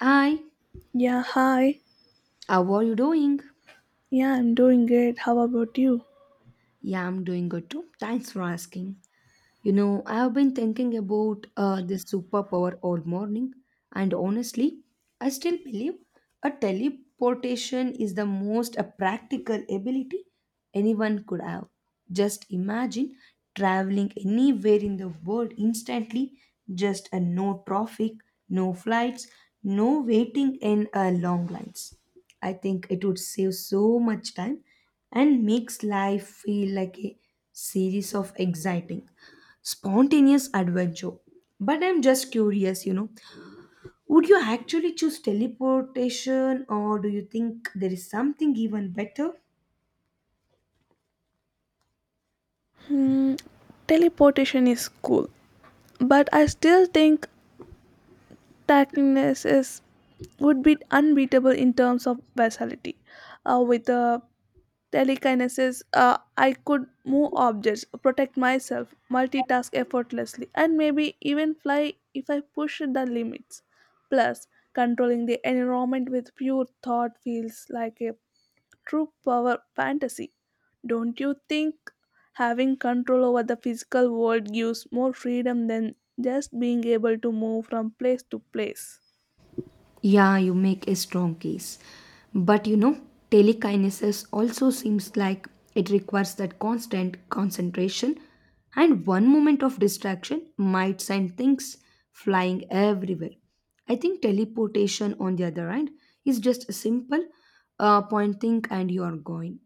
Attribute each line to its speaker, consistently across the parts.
Speaker 1: Hi,
Speaker 2: Yeah, hi.
Speaker 1: how are you doing?
Speaker 2: Yeah, I'm doing great. How about you?
Speaker 1: Yeah, I'm doing good too. Thanks for asking. You know, I've been thinking about this superpower all morning, and honestly, I still believe a teleportation is the most practical ability anyone could have. Just imagine traveling anywhere in the world instantly, just no traffic, no flights, no waiting in long lines. I think it would save so much time and makes life feel like a series of exciting spontaneous adventure. But I'm just curious, you know, would you actually choose teleportation, or do you think there is something even better?
Speaker 2: Hmm, teleportation is cool, but I still think tackiness is would be unbeatable in terms of versatility. With the telekinesis, I could move objects, protect myself, multitask effortlessly, and maybe even fly if I push the limits. Plus, controlling the environment with pure thought feels like a true power fantasy. Don't you think having control over the physical world gives more freedom than just being able to move from place to place?
Speaker 1: Yeah, you make a strong case. But you know, telekinesis also seems like it requires that constant concentration, and one moment of distraction might send things flying everywhere. I think teleportation, on the other hand, is just a simple pointing and you are going.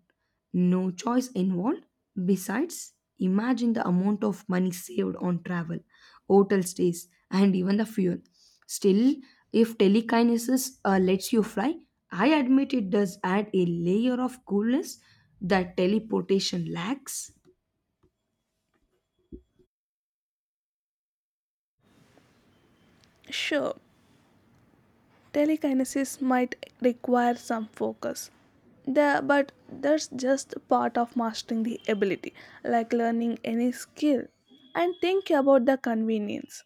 Speaker 1: No choice involved. Besides, imagine the amount of money saved on travel, hotel stays, and even the fuel. Still, if telekinesis lets you fly, I admit it does add a layer of coolness that teleportation lacks.
Speaker 2: Sure, telekinesis might require some focus the but that's just part of mastering the ability like learning any skill and think about the convenience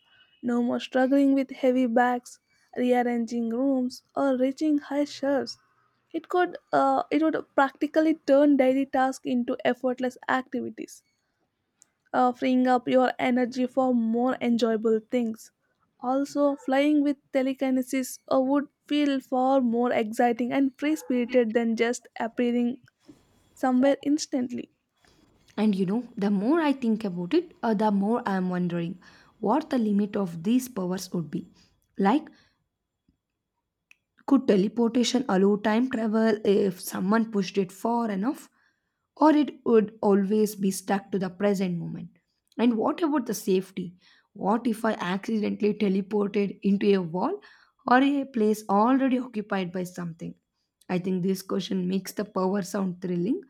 Speaker 2: no more struggling with heavy bags rearranging rooms or reaching high shelves it could it would practically turn daily tasks into effortless activities freeing up your energy for more enjoyable things. Also, flying with telekinesis would feel far more exciting and free spirited than just appearing somewhere instantly.
Speaker 1: And you know, the more I think about it, the more I am wondering what the limit of these powers would be. Like, could teleportation allow time travel if someone pushed it far enough? Or it would always be stuck to the present moment? And what about the safety? What if I accidentally teleported into a wall or a place already occupied by something? I think this question makes the power sound thrilling,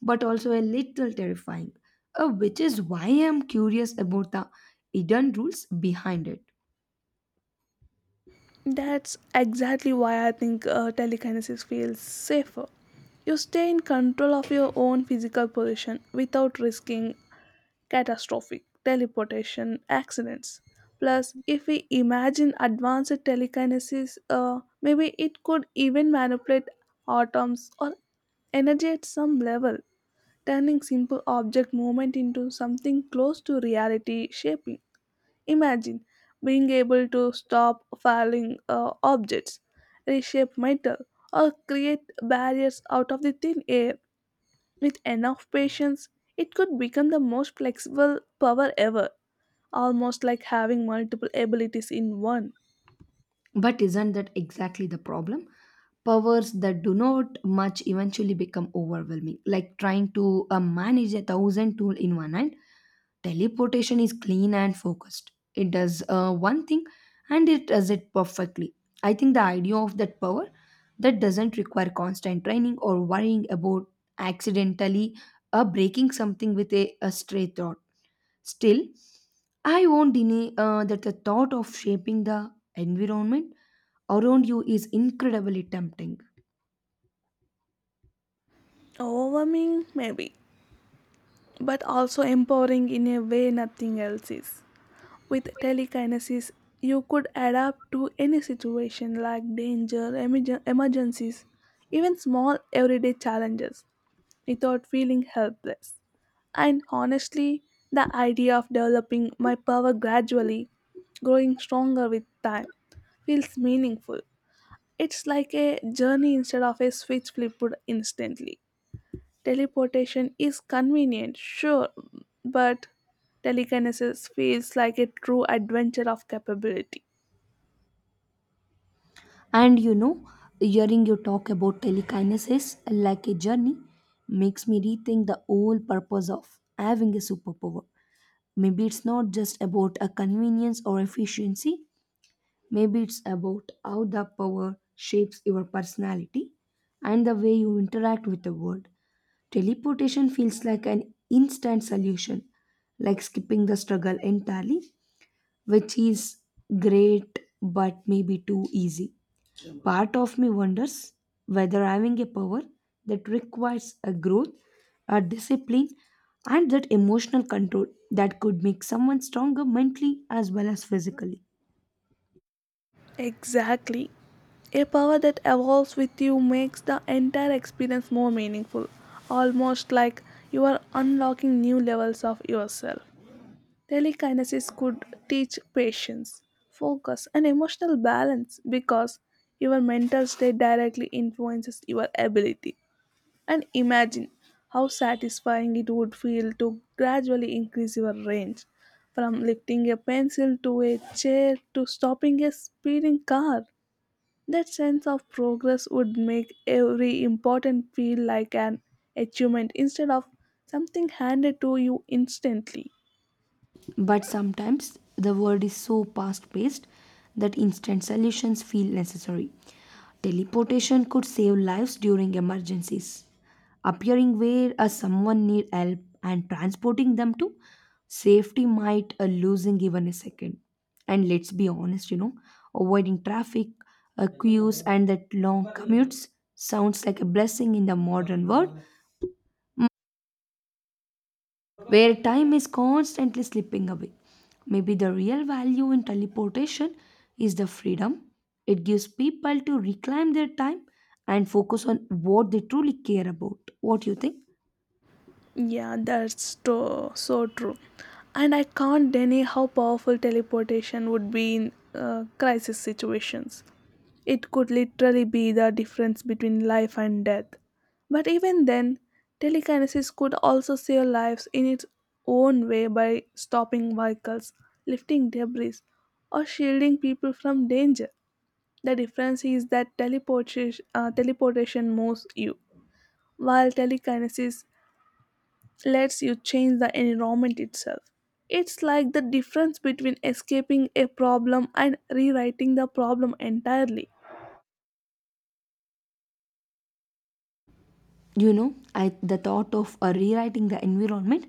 Speaker 1: but also a little terrifying, which is why I'm curious about the hidden rules behind it.
Speaker 2: That's exactly why I think telekinesis feels safer. You stay in control of your own physical position without risking catastrophic teleportation accidents. Plus, if we imagine advanced telekinesis, maybe it could even manipulate atoms or energy at some level, turning simple object movement into something close to reality shaping. Imagine being able to stop falling objects, reshape metal, or create barriers out of the thin air with enough patience, it could become the most flexible power ever, almost like having multiple abilities in one.
Speaker 1: But isn't that exactly the problem? Powers that do not much eventually become overwhelming, like trying to manage a thousand tools in one hand. Teleportation is clean and focused. It does one thing and it does it perfectly. I think the idea of that power that doesn't require constant training or worrying about accidentally breaking something with a stray thought. Still, I won't deny that the thought of shaping the environment around you is incredibly tempting.
Speaker 2: Overwhelming, maybe, but also empowering in a way nothing else is. With telekinesis, you could adapt to any situation like danger, emergencies, even small everyday challenges without feeling helpless. And honestly, the idea of developing my power gradually, growing stronger with time, feels meaningful. It's like a journey instead of a switch flipped instantly. Teleportation is convenient, sure, but telekinesis feels like a true adventure of capability.
Speaker 1: And you know, hearing you talk about telekinesis like a journey makes me rethink the whole purpose of having a superpower. Maybe it's not just about a convenience or efficiency, maybe it's about how the power shapes your personality and the way you interact with the world. Teleportation feels like an instant solution, like skipping the struggle entirely, which is great but maybe too easy. Part of me wonders whether having a power that requires a growth, a discipline, and that emotional control that could make someone stronger mentally as well as physically.
Speaker 2: Exactly. A power that evolves with you makes the entire experience more meaningful, almost like you are unlocking new levels of yourself. Telekinesis could teach patience, focus, and emotional balance because your mental state directly influences your ability. And imagine how satisfying it would feel to gradually increase your range from lifting a pencil to a chair to stopping a speeding car. That sense of progress would make every important feel like an achievement instead of something handed to you instantly.
Speaker 1: But sometimes the world is so fast paced that instant solutions feel necessary. Teleportation could save lives during emergencies, appearing where someone need help and transporting them to safety might losing even a second. And let's be honest, you know, avoiding traffic, queues, and that long commutes sounds like a blessing in the modern world where time is constantly slipping away. Maybe the real value in teleportation is the freedom it gives people to reclaim their time and focus on what they truly care about. What do you think?
Speaker 2: Yeah, so true. And I can't deny how powerful teleportation would be in crisis situations. It could literally be the difference between life and death. But even then, telekinesis could also save lives in its own way by stopping vehicles, lifting debris, or shielding people from danger. The difference is that teleportation moves you, while telekinesis lets you change the environment itself. It's like the difference between escaping a problem and rewriting the problem entirely.
Speaker 1: You know, I, the thought of rewriting the environment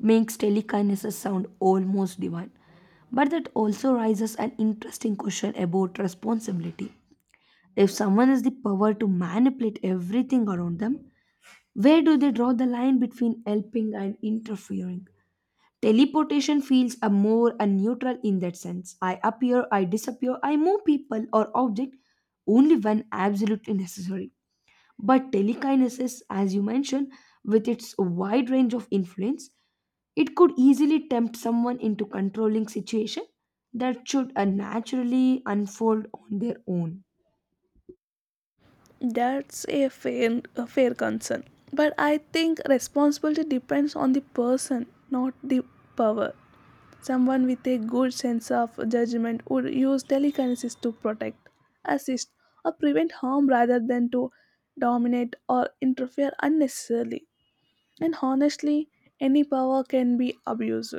Speaker 1: makes telekinesis sound almost divine. But that also raises an interesting question about responsibility. If someone has the power to manipulate everything around them, where do they draw the line between helping and interfering? Teleportation feels a more a neutral in that sense. I appear, I disappear, I move people or object only when absolutely necessary. But telekinesis, as you mentioned, with its wide range of influence, it could easily tempt someone into controlling situation that should naturally unfold on their own.
Speaker 2: That's a fair concern. But I think responsibility depends on the person, not the power. Someone with a good sense of judgment would use telekinesis to protect, assist, or prevent harm rather than to dominate or interfere unnecessarily. And honestly, any power can be abused.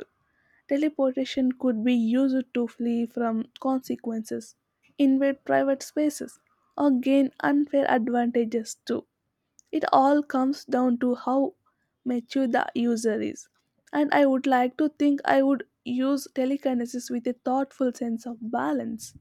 Speaker 2: Teleportation could be used to flee from consequences, invade private spaces, or gain unfair advantages too. It all comes down to how mature the user is. And I would like to think I would use telekinesis with a thoughtful sense of balance.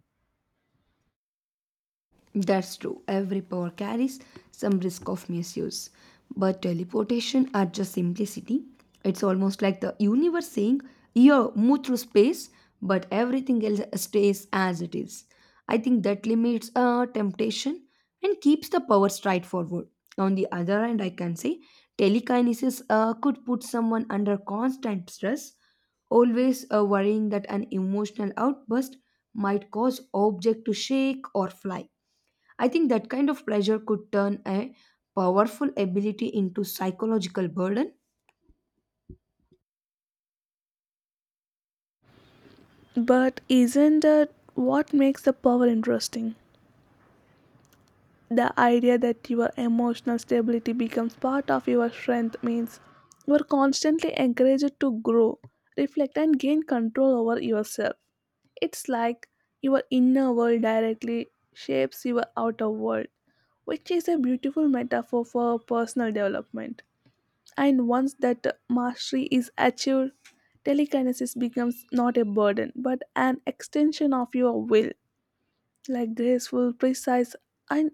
Speaker 1: That's true. Every power carries some risk of misuse. But teleportation at just simplicity, it's almost like the universe saying, "Yeah, move through space, but everything else stays as it is." I think that limits temptation and keeps the power straightforward. On the other hand, I can say telekinesis could put someone under constant stress, always worrying that an emotional outburst might cause object to shake or fly. I think that kind of pressure could turn a powerful ability into psychological burden.
Speaker 2: But isn't that what makes the power interesting? The idea that your emotional stability becomes part of your strength means you are constantly encouraged to grow, reflect, and gain control over yourself. It's like your inner world directly shapes your outer world, which is a beautiful metaphor for personal development. And once that mastery is achieved, telekinesis becomes not a burden but an extension of your will, like graceful, precise, and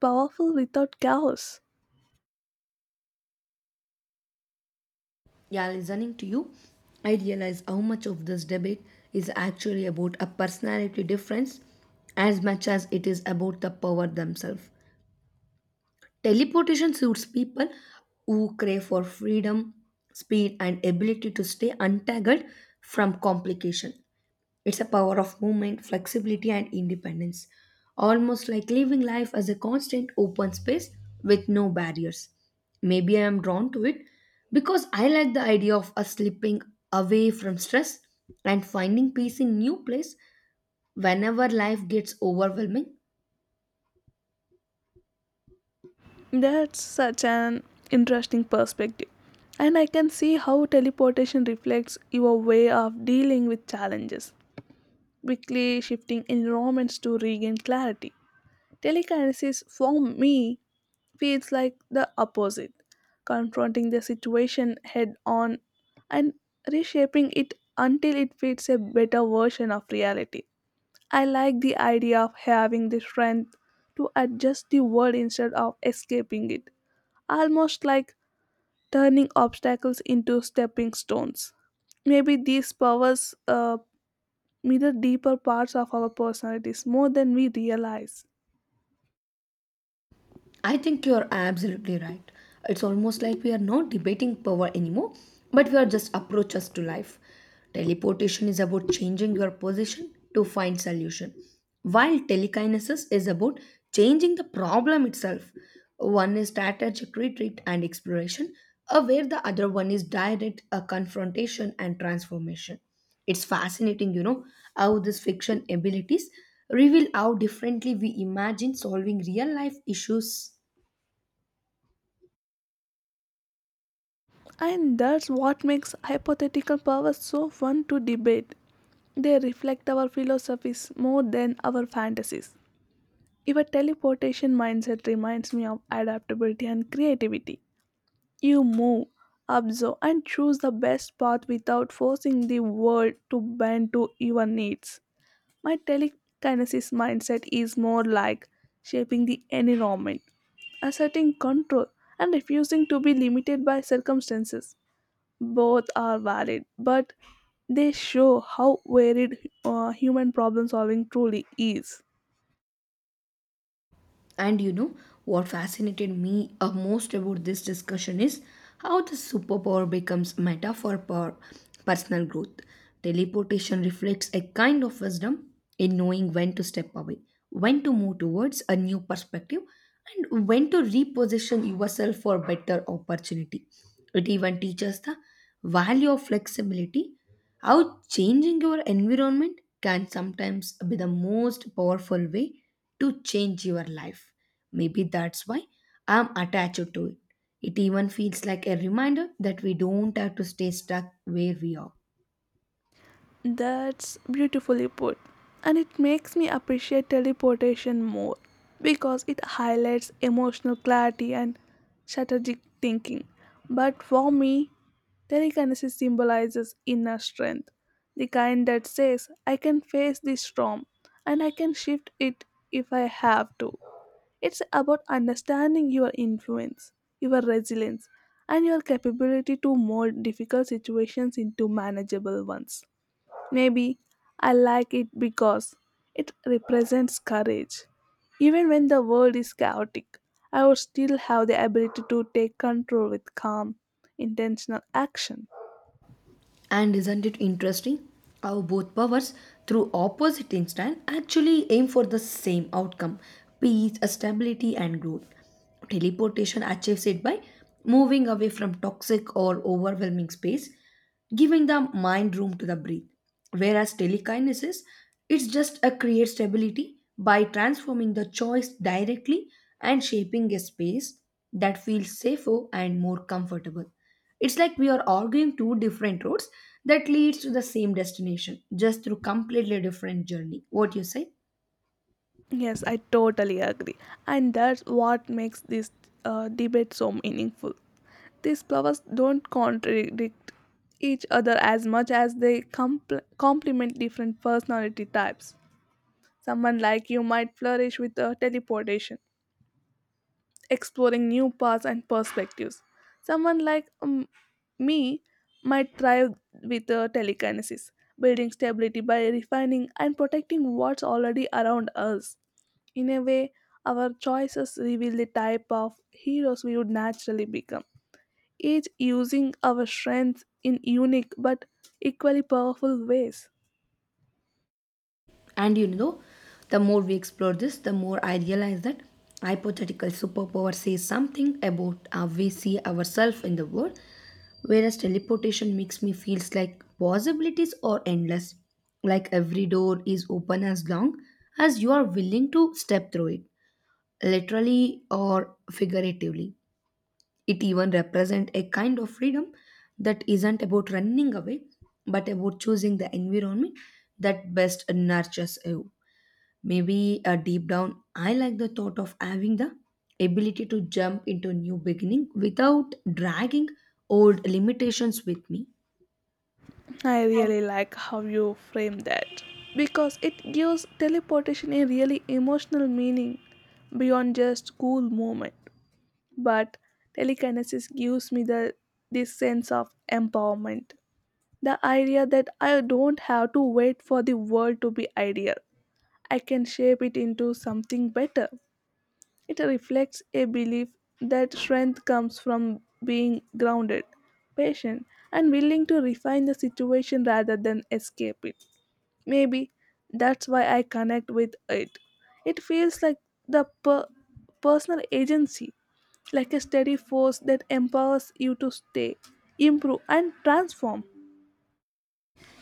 Speaker 2: powerful without chaos.
Speaker 1: Yeah, listening to you, I realize how much of this debate is actually about a personality difference as much as it is about the power themselves. Teleportation suits people who crave for freedom, speed, and ability to stay untangled from complication. It's a power of movement, flexibility, and independence, almost like living life as a constant open space with no barriers. Maybe I am drawn to it because I like the idea of us slipping away from stress and finding peace in new place whenever life gets overwhelming.
Speaker 2: That's such an interesting perspective. And I can see how teleportation reflects your way of dealing with challenges, quickly shifting environments to regain clarity. Telekinesis, for me, feels like the opposite, confronting the situation head on and reshaping it until it fits a better version of reality. I like the idea of having the strength to adjust the world instead of escaping it, almost like turning obstacles into stepping stones. Maybe these powers mirror deeper parts of our personalities more than we realize.
Speaker 1: I think you're absolutely right. It's almost like we are not debating power anymore, but we are just approaches to life. Teleportation is about changing your position to find solution, while telekinesis is about changing the problem itself. One is strategic retreat and exploration, where the other one is direct confrontation and transformation. It's fascinating, you know, how these fiction abilities reveal how differently we imagine solving real life issues.
Speaker 2: And that's what makes hypothetical powers so fun to debate. They reflect our philosophies more than our fantasies. Your teleportation mindset reminds me of adaptability and creativity. You move, observe, and choose the best path without forcing the world to bend to your needs. My telekinesis mindset is more like shaping the environment, asserting control, and refusing to be limited by circumstances. Both are valid, but they show how varied human problem solving truly is.
Speaker 1: And you know what fascinated me most about this discussion is how the superpower becomes meta for personal growth. Teleportation reflects a kind of wisdom in knowing when to step away, when to move towards a new perspective, and when to reposition yourself for better opportunity. It even teaches the value of flexibility, how changing your environment can sometimes be the most powerful way to change your life. Maybe that's why I'm attached to it. It even feels like a reminder that we don't have to stay stuck where we are.
Speaker 2: That's beautifully put. And it makes me appreciate teleportation more because it highlights emotional clarity and strategic thinking. But for me, telekinesis symbolizes inner strength, the kind that says, I can face this storm and I can shift it if I have to. It's about understanding your influence, your resilience, and your capability to mold difficult situations into manageable ones. Maybe I like it because it represents courage. Even when the world is chaotic, I would still have the ability to take control with calm, intentional action.
Speaker 1: And isn't it interesting how both powers, through opposite instinct, actually aim for the same outcome: peace, stability, and growth? Teleportation achieves it by moving away from toxic or overwhelming space, giving the mind room to the breathe. Whereas telekinesis, it's just a create stability by transforming the choice directly and shaping a space that feels safer and more comfortable. It's like we are arguing two different roads that leads to the same destination, just through completely different journey. What you say?
Speaker 2: Yes, I totally agree. And that's what makes this debate so meaningful. These flowers don't contradict each other as much as they complement different personality types. Someone like you might flourish with teleportation exploring new paths and perspectives. Someone like me might thrive with telekinesis, building stability by refining and protecting what's already around us. In a way, our choices reveal the type of heroes we would naturally become, each using our strengths in unique but equally powerful ways.
Speaker 1: And you know, the more we explore this, the more I realize that hypothetical superpower says something about how we see ourselves in the world, whereas teleportation makes me feels like possibilities are endless, like every door is open as long as you are willing to step through it, literally or figuratively. It even represents a kind of freedom that isn't about running away, but about choosing the environment that best nurtures you. Maybe deep down, I like the thought of having the ability to jump into new beginning without dragging old limitations with me.
Speaker 2: I really like how you frame that because it gives teleportation a really emotional meaning beyond just cool moment. But telekinesis gives me the this sense of empowerment. The idea that I don't have to wait for the world to be ideal. I can shape it into something better. It reflects a belief that strength comes from being grounded, patient, and willing to refine the situation rather than escape it. Maybe that's why I connect with it. It feels like the personal agency, like a steady force that empowers you to stay, improve, and transform.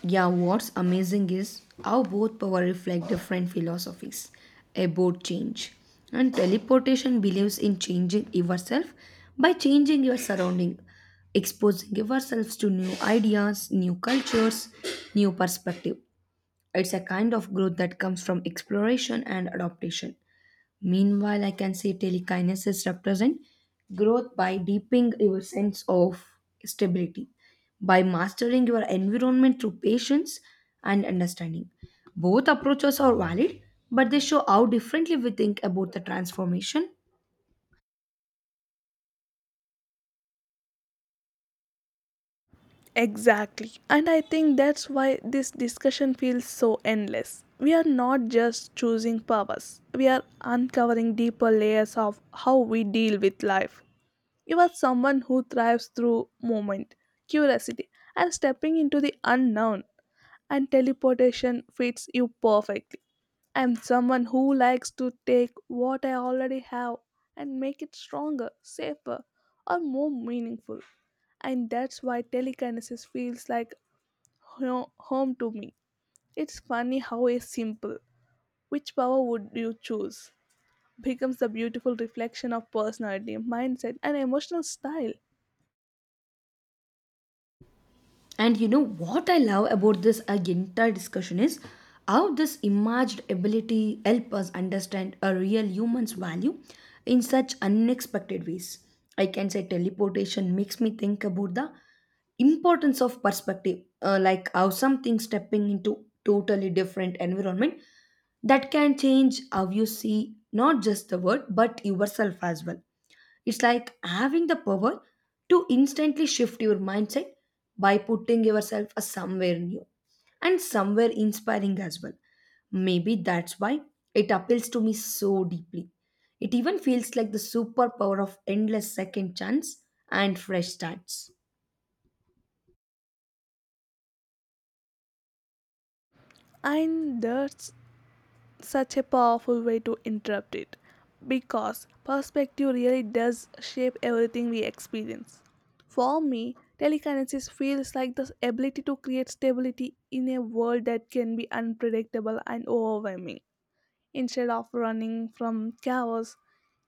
Speaker 1: Yeah, what's amazing is how both power reflect different philosophies about change. And teleportation believes in changing yourself by changing your surrounding, exposing yourselves to new ideas, new cultures, new perspective. It's a kind of growth that comes from exploration and adaptation. Meanwhile, I can say telekinesis represent growth by deepening your sense of stability, by mastering your environment through patience and understanding. Both approaches are valid, but they show how differently we think about the transformation.
Speaker 2: Exactly. And I think that's why this discussion feels so endless. We are not just choosing purpose, we are uncovering deeper layers of how we deal with life. You are someone who thrives through movement, curiosity, and stepping into the unknown, and teleportation fits you perfectly. I'm someone who likes to take what I already have and make it stronger, safer, or more meaningful. And that's why telekinesis feels like home to me. It's funny how a simple, which power would you choose, becomes the beautiful reflection of personality, mindset, and emotional style.
Speaker 1: And you know what I love about this entire discussion is how this emerged ability help us understand a real human's value in such unexpected ways. I can say teleportation makes me think about the importance of perspective, like how something stepping into totally different environment that can change how you see not just the world but yourself as well. It's like having the power to instantly shift your mindset by putting yourself a somewhere new and somewhere inspiring as well. Maybe that's why it appeals to me so deeply. It even feels like the superpower of endless second chance and fresh starts.
Speaker 2: And that's such a powerful way to interrupt it because perspective really does shape everything we experience. For me, telekinesis feels like the ability to create stability in a world that can be unpredictable and overwhelming. Instead of running from chaos,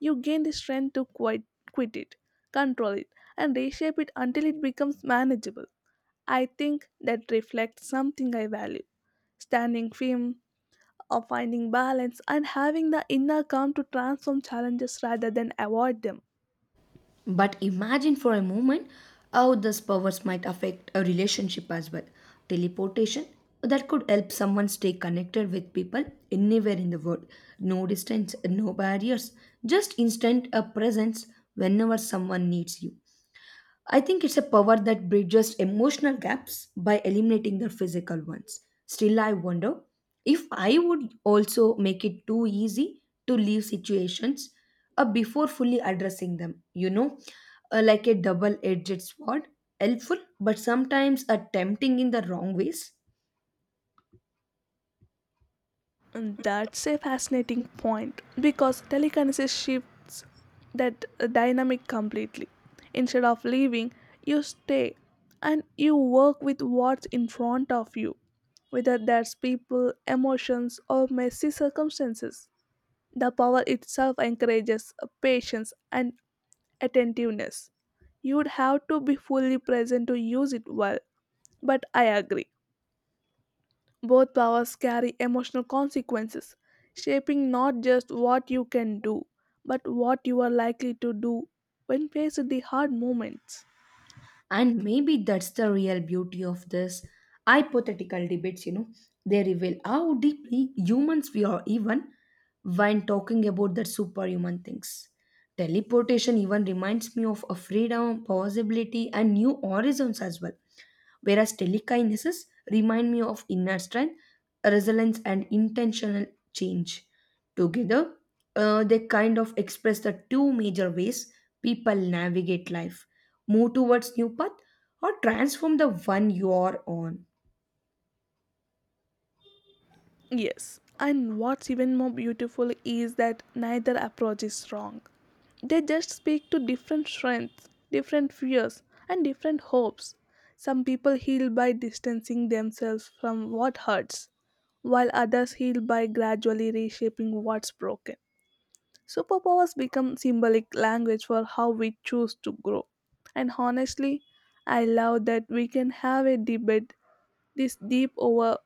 Speaker 2: you gain the strength to quit it, control it, and reshape it until it becomes manageable. I think that reflects something I value standing firm of finding balance and having the inner calm to transform challenges rather than avoid them.
Speaker 1: But imagine for a moment how these powers might affect a relationship as well. Teleportation that could help someone stay connected with people anywhere in the world. No distance, no barriers, just instant a presence whenever someone needs you. I think it's a power that bridges emotional gaps by eliminating the physical ones. Still, I wonder if I would also make it too easy to leave situations before fully addressing them, you know, like a double edged sword, helpful but sometimes tempting in the wrong ways.
Speaker 2: And that's a fascinating point because telekinesis shifts that dynamic completely. Instead of leaving, you stay and you work with what's in front of you, whether that's people, emotions, or messy circumstances. The power itself encourages patience and attentiveness. You would have to be fully present to use it well. But I agree, both powers carry emotional consequences, shaping not just what you can do, but what you are likely to do when faced with the hard moments.
Speaker 1: And maybe that's the real beauty of this hypothetical debates, you know. They reveal how deeply humans we are, even when talking about the superhuman things. Teleportation even reminds me of a freedom, possibility, and new horizons as well, whereas telekinesis remind me of inner strength, resilience, and intentional change. Together, they kind of express the two major ways people navigate life, move towards new path or transform the one you are on.
Speaker 2: Yes, and what's even more beautiful is that neither approach is wrong. They just speak to different strengths, different fears, and different hopes. Some people heal by distancing themselves from what hurts, while others heal by gradually reshaping what's broken. Superpowers become symbolic language for how we choose to grow. And honestly, I love that we can have a debate this deep over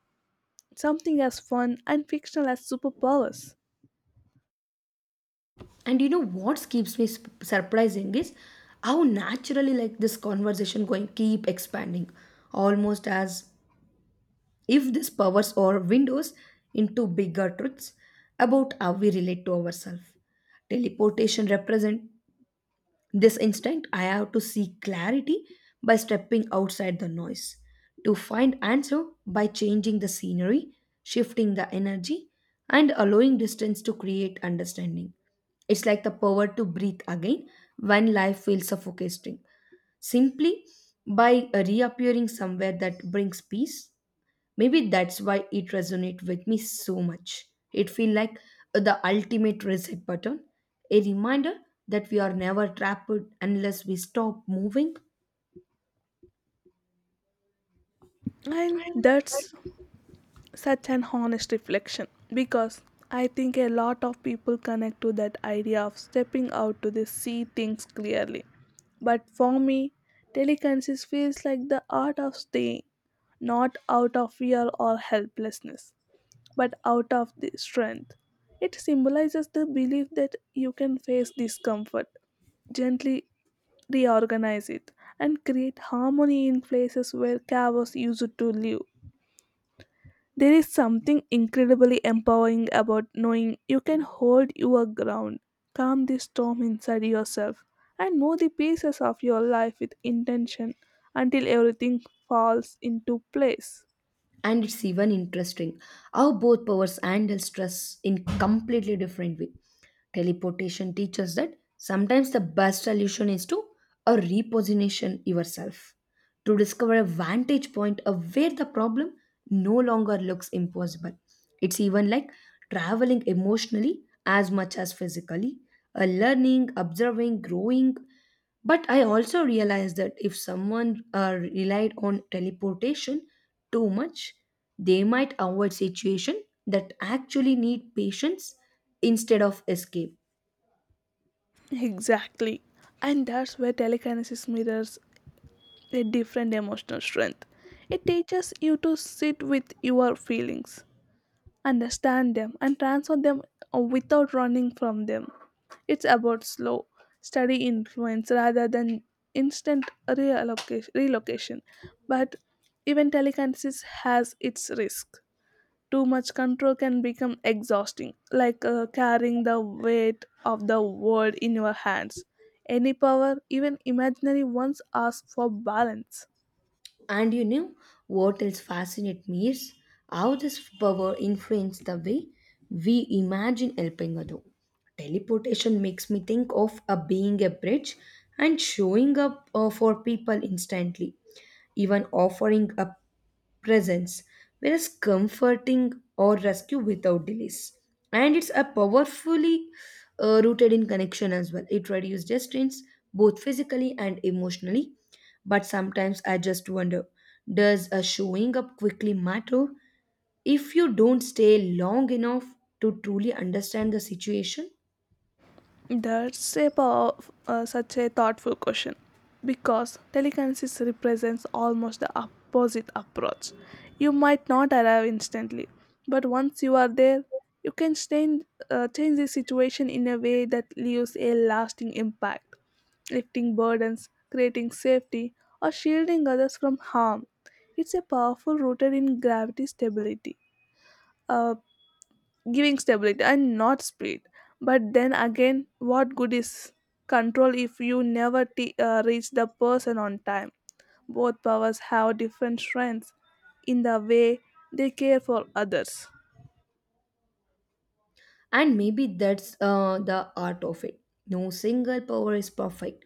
Speaker 2: something as fun and fictional as superpowers.
Speaker 1: And you know what keeps me surprising is how naturally like this conversation going keep expanding, almost as if this powers are windows into bigger truths about how we relate to ourselves. Teleportation represents this instinct I have to seek clarity by stepping outside the noise, to find answer by changing the scenery, shifting the energy, and allowing distance to create understanding. It's like the power to breathe again when life feels suffocating, simply by reappearing somewhere that brings peace. Maybe that's why it resonates with me so much. It feels like the ultimate reset button, a reminder that we are never trapped unless we stop moving.
Speaker 2: And that's such an honest reflection because I think a lot of people connect to that idea of stepping out to the see things clearly. But for me, telekinesis feels like the art of staying, not out of fear or helplessness, but out of the strength. It symbolizes the belief that you can face discomfort, gently reorganize it, and create harmony in places where chaos used to live. There is something incredibly empowering about knowing you can hold your ground, calm the storm inside yourself, and move the pieces of your life with intention until everything falls into place.
Speaker 1: And it's even interesting how both powers handle stress in completely different way. Teleportation teaches that sometimes the best solution is to a reposition yourself to discover a vantage point of where the problem no longer looks impossible. It's even like traveling emotionally as much as physically, a learning observing growing. But I also realized that if someone relied on teleportation too much, they might avoid situations that actually need patience instead of escape.
Speaker 2: Exactly. And that's where telekinesis mirrors a different emotional strength. It teaches you to sit with your feelings, understand them, and transfer them without running from them. It's about slow, steady influence rather than instant reallocation, relocation. But even telekinesis has its risk. Too much control can become exhausting, like carrying the weight of the world in your hands. Any power, even imaginary ones, asks for balance.
Speaker 1: And you know what else fascinates me is how this power influences the way we imagine helping others. Teleportation makes me think of a being a bridge and showing up for people instantly, even offering up presence, whereas comforting or rescue without delays. And it's a powerfully rooted in connection as well. It reduces distance both physically and emotionally. But sometimes I just wonder, does a showing up quickly matter if you don't stay long enough to truly understand the situation?
Speaker 2: That's a pow- Such a thoughtful question because telekinesis represents almost the opposite approach. You might not arrive instantly, but once you are there, you can change the situation in a way that leaves a lasting impact, lifting burdens, creating safety, or shielding others from harm. It's a powerful rooted in gravity stability, uh, giving stability and not speed. But then again, what good is control if you never reach the person on time? Both powers have different strengths in the way they care for others.
Speaker 1: And maybe that's the art of it. No single power is perfect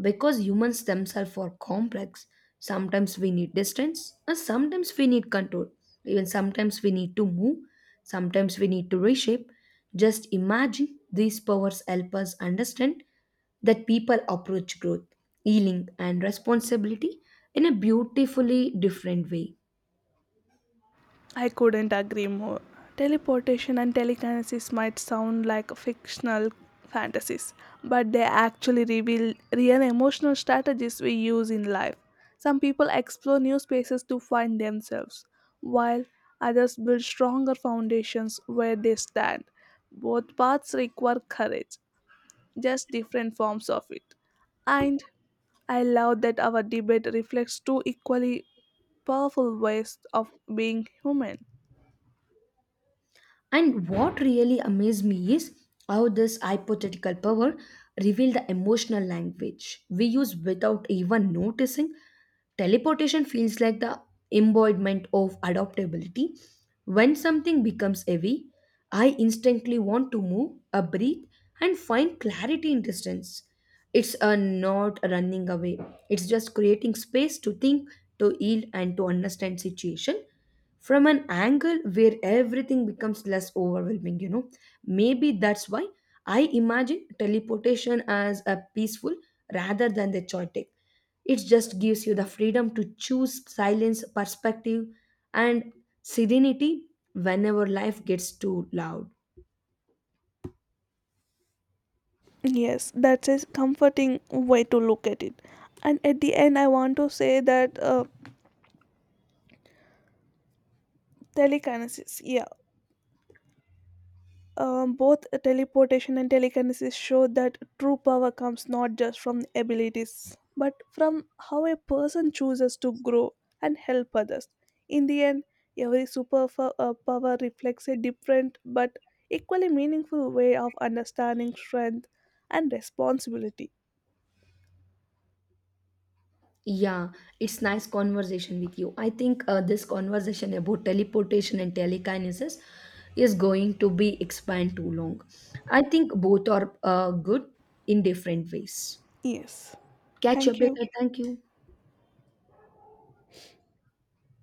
Speaker 1: because humans themselves are complex. Sometimes we need distance, and sometimes we need control. Even sometimes we need to move, sometimes we need to reshape. Just imagine these powers help us understand that people approach growth, healing, and responsibility in a beautifully different way.
Speaker 2: I couldn't agree more. Teleportation and telekinesis might sound like fictional fantasies, but they actually reveal real emotional strategies we use in life. Some people explore new spaces to find themselves, while others build stronger foundations where they stand. Both paths require courage, just different forms of it. And I love that our debate reflects two equally powerful ways of being human.
Speaker 1: And what really amazed me is how this hypothetical power revealed the emotional language we use without even noticing. Teleportation feels like the embodiment of adaptability. When something becomes heavy, I instantly want to move, a breathe, and find clarity in distance. It's a not running away. It's just creating space to think, to heal, and to understand situation from an angle where everything becomes less overwhelming, you know. Maybe that's why I imagine teleportation as a peaceful rather than the chaotic. It just gives you the freedom to choose silence perspective and serenity whenever life gets too loud.
Speaker 2: Yes, that's a comforting way to look at it. And at the end, I want to say that telekinesis, yeah, both teleportation and telekinesis show that true power comes not just from abilities, but from how a person chooses to grow and help others. In the end, every power reflects a different but equally meaningful way of understanding strength and responsibility.
Speaker 1: Yeah, it's nice conversation with you. I think this conversation about teleportation and telekinesis is going to be expand too long. I think both are good in different ways.
Speaker 2: Yes,
Speaker 1: Catch
Speaker 2: thank
Speaker 1: up
Speaker 2: you.
Speaker 1: later. Thank you.